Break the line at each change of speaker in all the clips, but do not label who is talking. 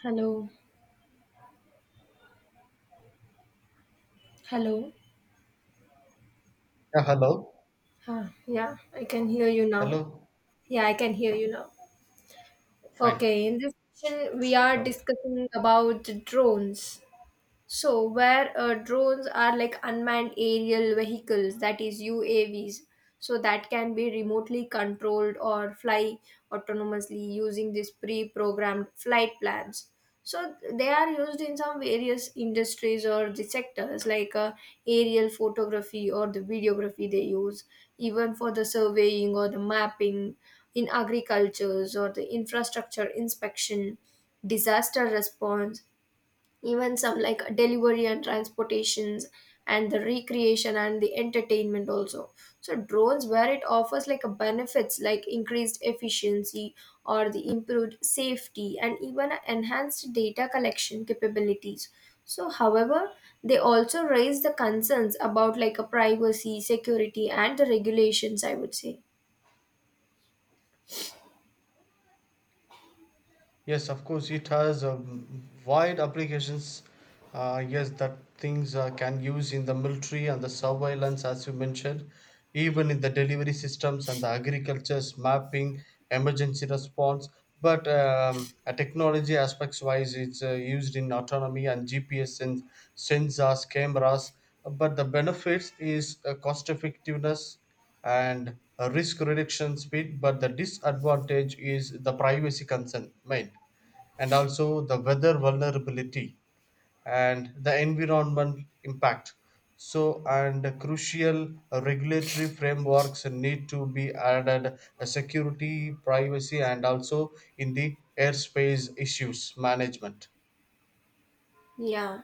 Hello. Hello.
Yeah, hello.
Huh. Yeah, I can hear you now.
Hello.
Yeah, I can hear you now.
Fine.
Okay, in this session, we are
Okay.
discussing about drones. So, where drones are like unmanned aerial vehicles, that is UAVs, so that can be remotely controlled or fly autonomously using these pre programmed flight plans. So, they are used in some various industries or the sectors like aerial photography or the videography they use, even for the surveying or the mapping in agricultures or the infrastructure inspection, disaster response, even some like delivery and transportations, and the recreation and the entertainment also. So drones, where it offers like a benefits like increased efficiency or the improved safety and even a enhanced data collection capabilities. So however, they also raise the concerns about like a privacy, security and the regulations, I would say.
Yes, of course, it has wide applications. Yes, that things can use in the military and the surveillance, as you mentioned, even in the delivery systems and the agriculture's mapping, emergency response. But technology aspects wise, it's used in autonomy and GPS and sensors, cameras. But the benefits is cost effectiveness and a risk reduction speed, but the disadvantage is the privacy concern made, and also the weather vulnerability and the environment impact. So and crucial regulatory frameworks need to be added, security, privacy, and also in the airspace issues management.
Yeah,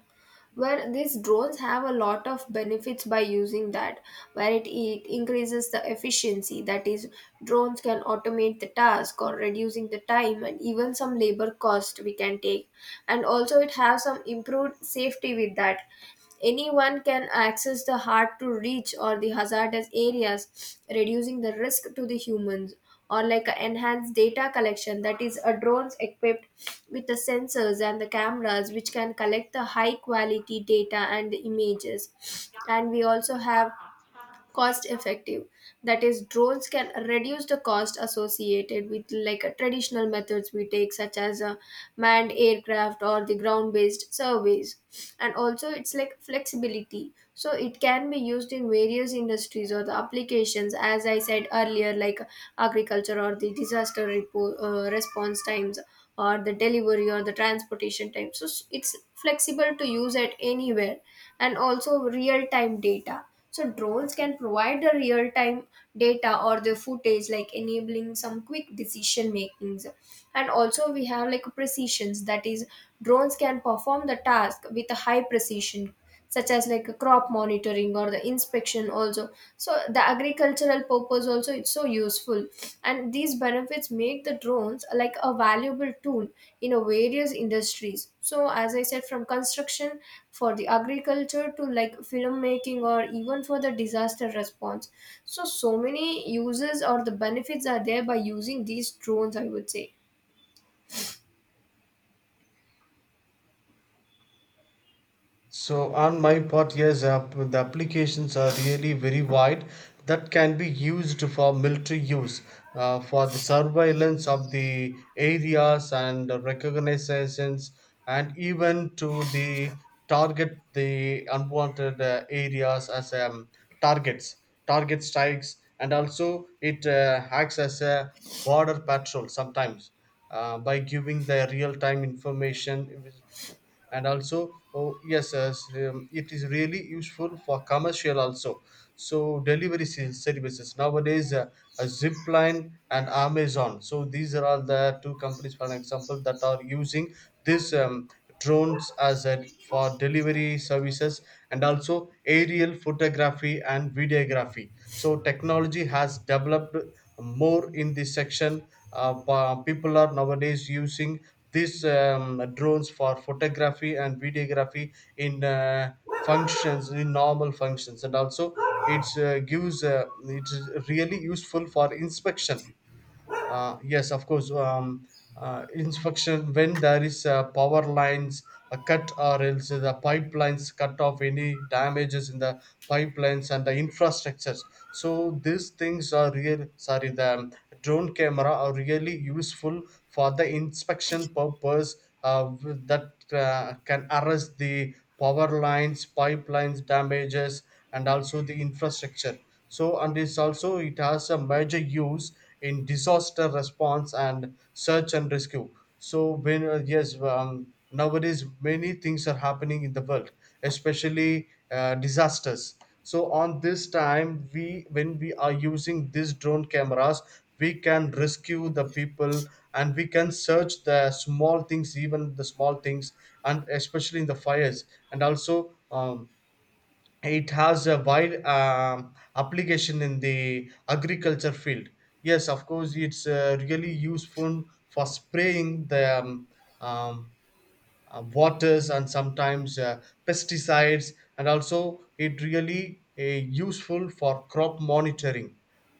where these drones have a lot of benefits by using that, where it increases the efficiency. That is, drones can automate the task or reducing the time and even some labor cost we can take. And also, it has some improved safety with that. Anyone can access the hard to reach or the hazardous areas, reducing the risk to the humans or like a enhanced data collection, that is a drones equipped with the sensors and the cameras which can collect the high quality data and images, and we also have cost effective, that is drones can reduce the cost associated with like traditional methods we take such as manned aircraft or the ground based surveys. And also it's like flexibility, so it can be used in various industries or the applications as I said earlier, like agriculture or the disaster response times or the delivery or the transportation time, so it's flexible to use at anywhere. And also real time data, so drones can provide the real-time data or the footage, like enabling some quick decision makings. And also we have like precisions, that is, drones can perform the task with a high precision, such as like crop monitoring or the inspection also. So the agricultural purpose also it's so useful, and these benefits make the drones like a valuable tool in a various industries, so as I said, from construction for the agriculture to like filmmaking or even for the disaster response. So so many uses or the benefits are there by using these drones, I would say.
So on my part, yes, the applications are really very wide that can be used for military use, for the surveillance of the areas and recognitions, and even to the target the unwanted areas as targets, target strikes, and also it acts as a border patrol sometimes by giving the real-time information. And also, oh yes, yes, it is really useful for commercial also. So delivery services nowadays, a zipline and amazon, so these are all the two companies for an example that are using this drones as a for delivery services. And also aerial photography and videography, so technology has developed more in this section. People are nowadays using these drones for photography and videography in functions, in normal functions. And also it's gives it's really useful for inspection. Yes, of course. Inspection when there is power lines cut, or else the pipelines cut off, any damages in the pipelines and the infrastructures. So these things are real. Sorry, the drone camera are really useful for the inspection purpose. That can arrest the power lines, pipelines damages, and also the infrastructure. So and it's also, it has a major use in disaster response and search and rescue. So when, yes, nowadays many things are happening in the world, especially disasters. So on this time we, when we are using these drone cameras, we can rescue the people, and we can search the small things, even the small things, and especially in the fires. And also, it has a wide application in the agriculture field. Yes, of course, it's really useful for spraying the um, waters, and sometimes pesticides. And also it really useful for crop monitoring,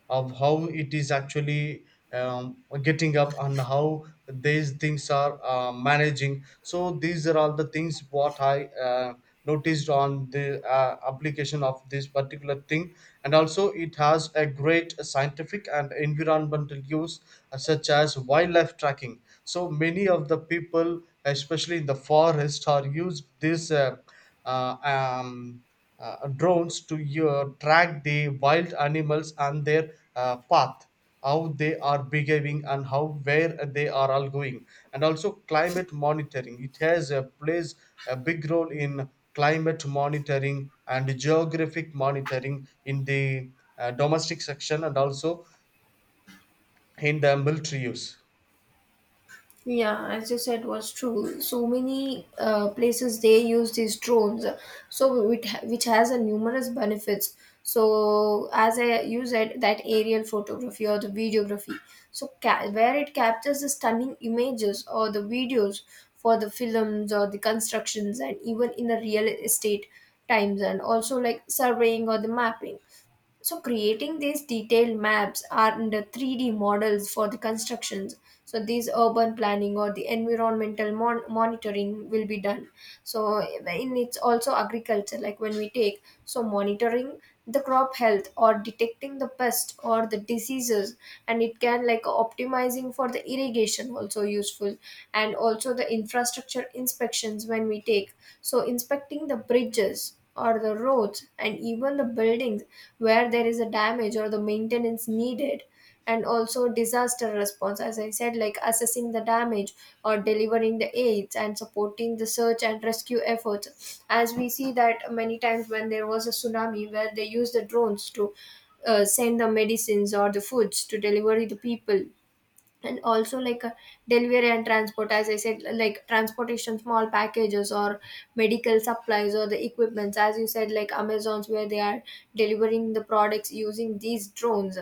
of how it is actually getting up and how these things are managing. So these are all the things what I noticed on the application of this particular thing. And also it has a great scientific and environmental use, such as wildlife tracking. So many of the people, especially in the forest, are used this uh, um, drones to track the wild animals and their path, how they are behaving and how, where they are all going. And also climate monitoring, it has a plays a big role in climate monitoring and geographic monitoring in the domestic section, and also in the military use.
Yeah, as you said, was true. So many places they use these drones, so which has a numerous benefits. So as I you said, that aerial photography or the videography, so where it captures the stunning images or the videos for the films or the constructions and even in the real estate times, and also like surveying or the mapping, so creating these detailed maps are the 3D models for the constructions. So these urban planning or the environmental monitoring will be done. So in it's also agriculture, like when we take, so monitoring the crop health or detecting the pest or the diseases, and it can like optimizing for the irrigation also useful. And also the infrastructure inspections when we take, so inspecting the bridges or the roads and even the buildings where there is a damage or the maintenance needed. And also disaster response, as I said, like assessing the damage or delivering the aids and supporting the search and rescue efforts, as we see that many times when there was a tsunami where they used the drones to send the medicines or the foods to deliver the people. And also like delivery and transport, as I said, like transportation small packages or medical supplies or the equipments, as you said, like amazons where they are delivering the products using these drones.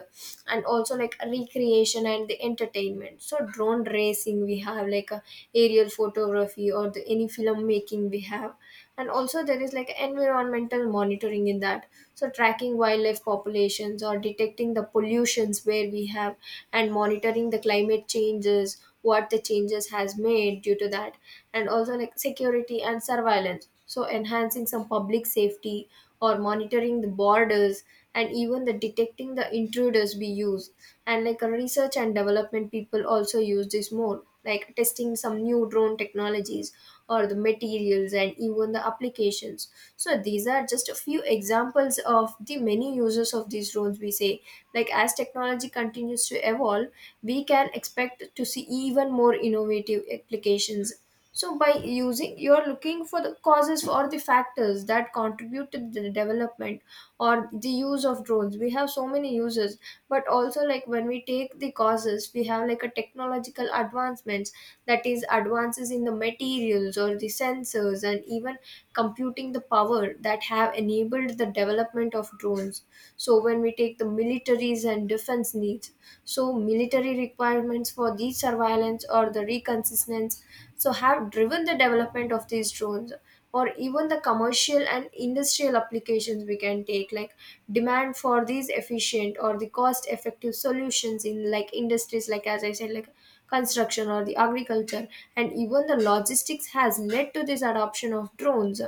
And also like recreation and the entertainment, so drone racing we have, like aerial photography or the any film making we have. And also there is like environmental monitoring in that, so tracking wildlife populations or detecting the pollutions where we have, and monitoring the climate changes, what the changes has made due to that. And also like security and surveillance, so enhancing some public safety or monitoring the borders and even the detecting the intruders we use. And like a research and development people also use this more, like testing some new drone technologies or the materials and even the applications. So these are just a few examples of the many uses of these drones we say. Like as technology continues to evolve, we can expect to see even more innovative applications. So by using, you're looking for the causes or the factors that contribute to the development or the use of drones. We have so many uses, but also like when we take the causes, we have like a technological advancements, that is advances in the materials or the sensors and even computing the power that have enabled the development of drones. So when we take the militaries and defense needs, so military requirements for the surveillance or the reconnaissance, so have driven the development of these drones. Or even the commercial and industrial applications we can take, like demand for these efficient or the cost effective solutions in like industries, like as I said, like construction or the agriculture and even the logistics has led to this adoption of drones.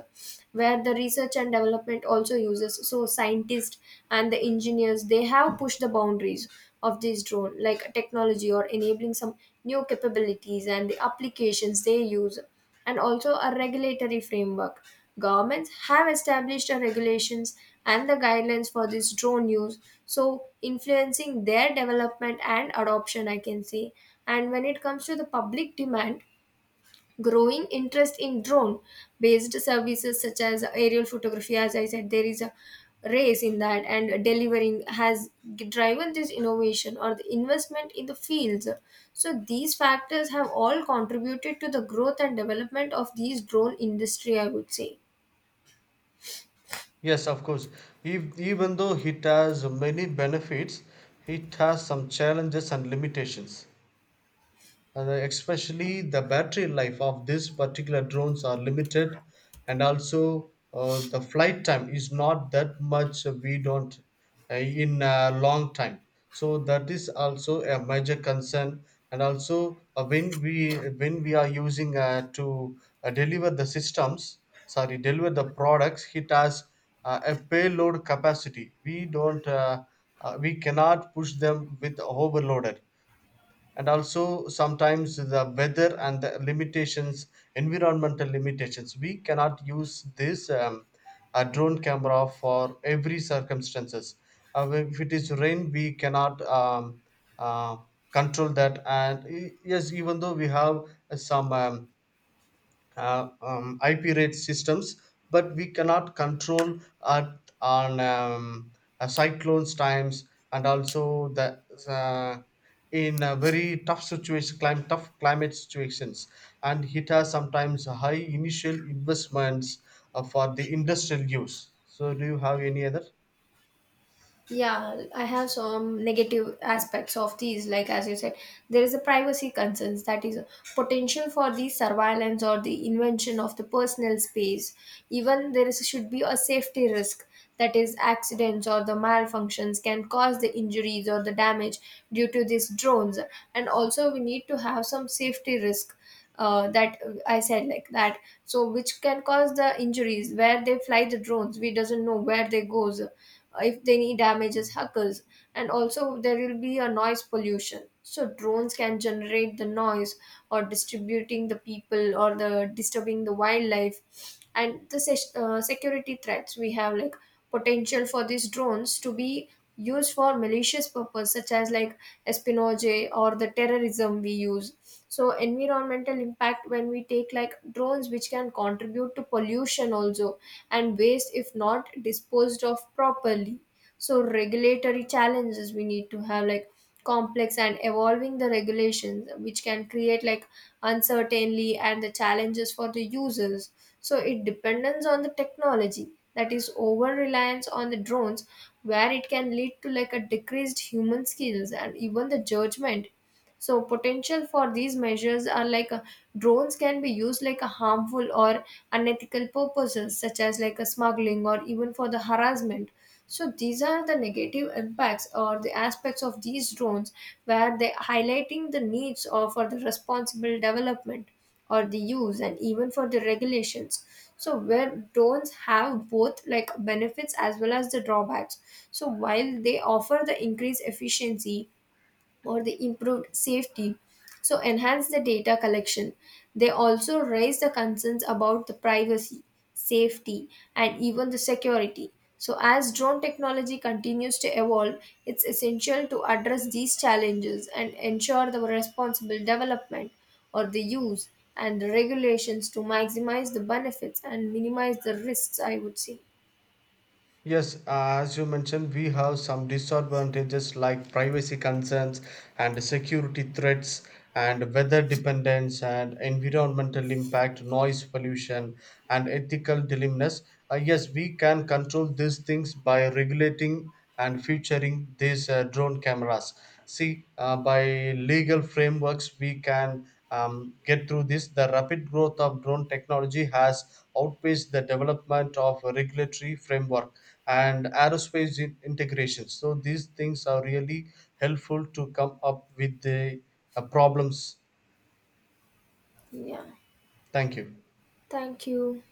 Where the research and development also uses, so scientists and the engineers, they have pushed the boundaries of this drone like technology or enabling some new capabilities and the applications they use. And also a regulatory framework. Governments have established a regulations and the guidelines for this drone use, so influencing their development and adoption, I can say. And when it comes to the public demand, growing interest in drone based services such as aerial photography, as I said, there is a race in that, and delivering has driven this innovation or the investment in the fields. So these factors have all contributed to the growth and development of these drone industry, I would say.
Yes, of course. Even though it has many benefits, it has some challenges and limitations, and especially the battery life of these particular drones are limited. And also, the flight time is not that much. We don't in a long time, so that is also a major concern. And also, when we, when we are using to deliver the systems, sorry, deliver the products, it has a payload capacity. We don't we cannot push them with overloaded. And also sometimes the weather and the limitations, environmental limitations, we cannot use this a drone camera for every circumstances. If it is rain, we cannot uh, control that. And yes, even though we have some IP rate systems, but we cannot control at, on, cyclones times, and also the uh, in a very tough situation, tough climate situations, and it has sometimes high initial investments for the industrial use. So, do you have any other?
Yeah, I have some negative aspects of these. Like as you said, there is a privacy concerns, that is potential for the surveillance or the invention of the personal space. Even there is should be a safety risk, that is accidents or the malfunctions can cause the injuries or the damage due to these drones. And also we need to have some safety risk that I said like that. So which can cause the injuries where they fly the drones. We doesn't know where they goes, if they need damages, huckles. And also there will be a noise pollution. So drones can generate the noise or distributing the people or the disturbing the wildlife. And the security threats we have, like potential for these drones to be used for malicious purpose such as like espionage or the terrorism we use. So environmental impact when we take, like drones which can contribute to pollution also and waste if not disposed of properly. So regulatory challenges we need to have, like complex and evolving the regulations which can create like uncertainty and the challenges for the users. So it depends on the technology, that is over reliance on the drones where it can lead to like a decreased human skills and even the judgment. So potential for these measures are like drones can be used like a harmful or unethical purposes such as like a smuggling or even for the harassment. So these are the negative impacts or the aspects of these drones, where they highlighting the needs or for the responsible development or the use and even for the regulations. So where drones have both like benefits as well as the drawbacks, so while they offer the increased efficiency or the improved safety, so enhance the data collection, they also raise the concerns about the privacy, safety and even the security. So as drone technology continues to evolve, it's essential to address these challenges and ensure the responsible development or the use and the regulations to maximize the benefits and minimize the risks, I would say.
Yes, as you mentioned, we have some disadvantages like privacy concerns and security threats and weather dependence and environmental impact, noise pollution, and ethical dilemmas. Yes, we can control these things by regulating and featuring these drone cameras. See, by legal frameworks, we can get through this. The rapid growth of drone technology has outpaced the development of a regulatory framework and aerospace integration. So, these things are really helpful to come up with the problems.
Yeah,
Thank you.
thank you.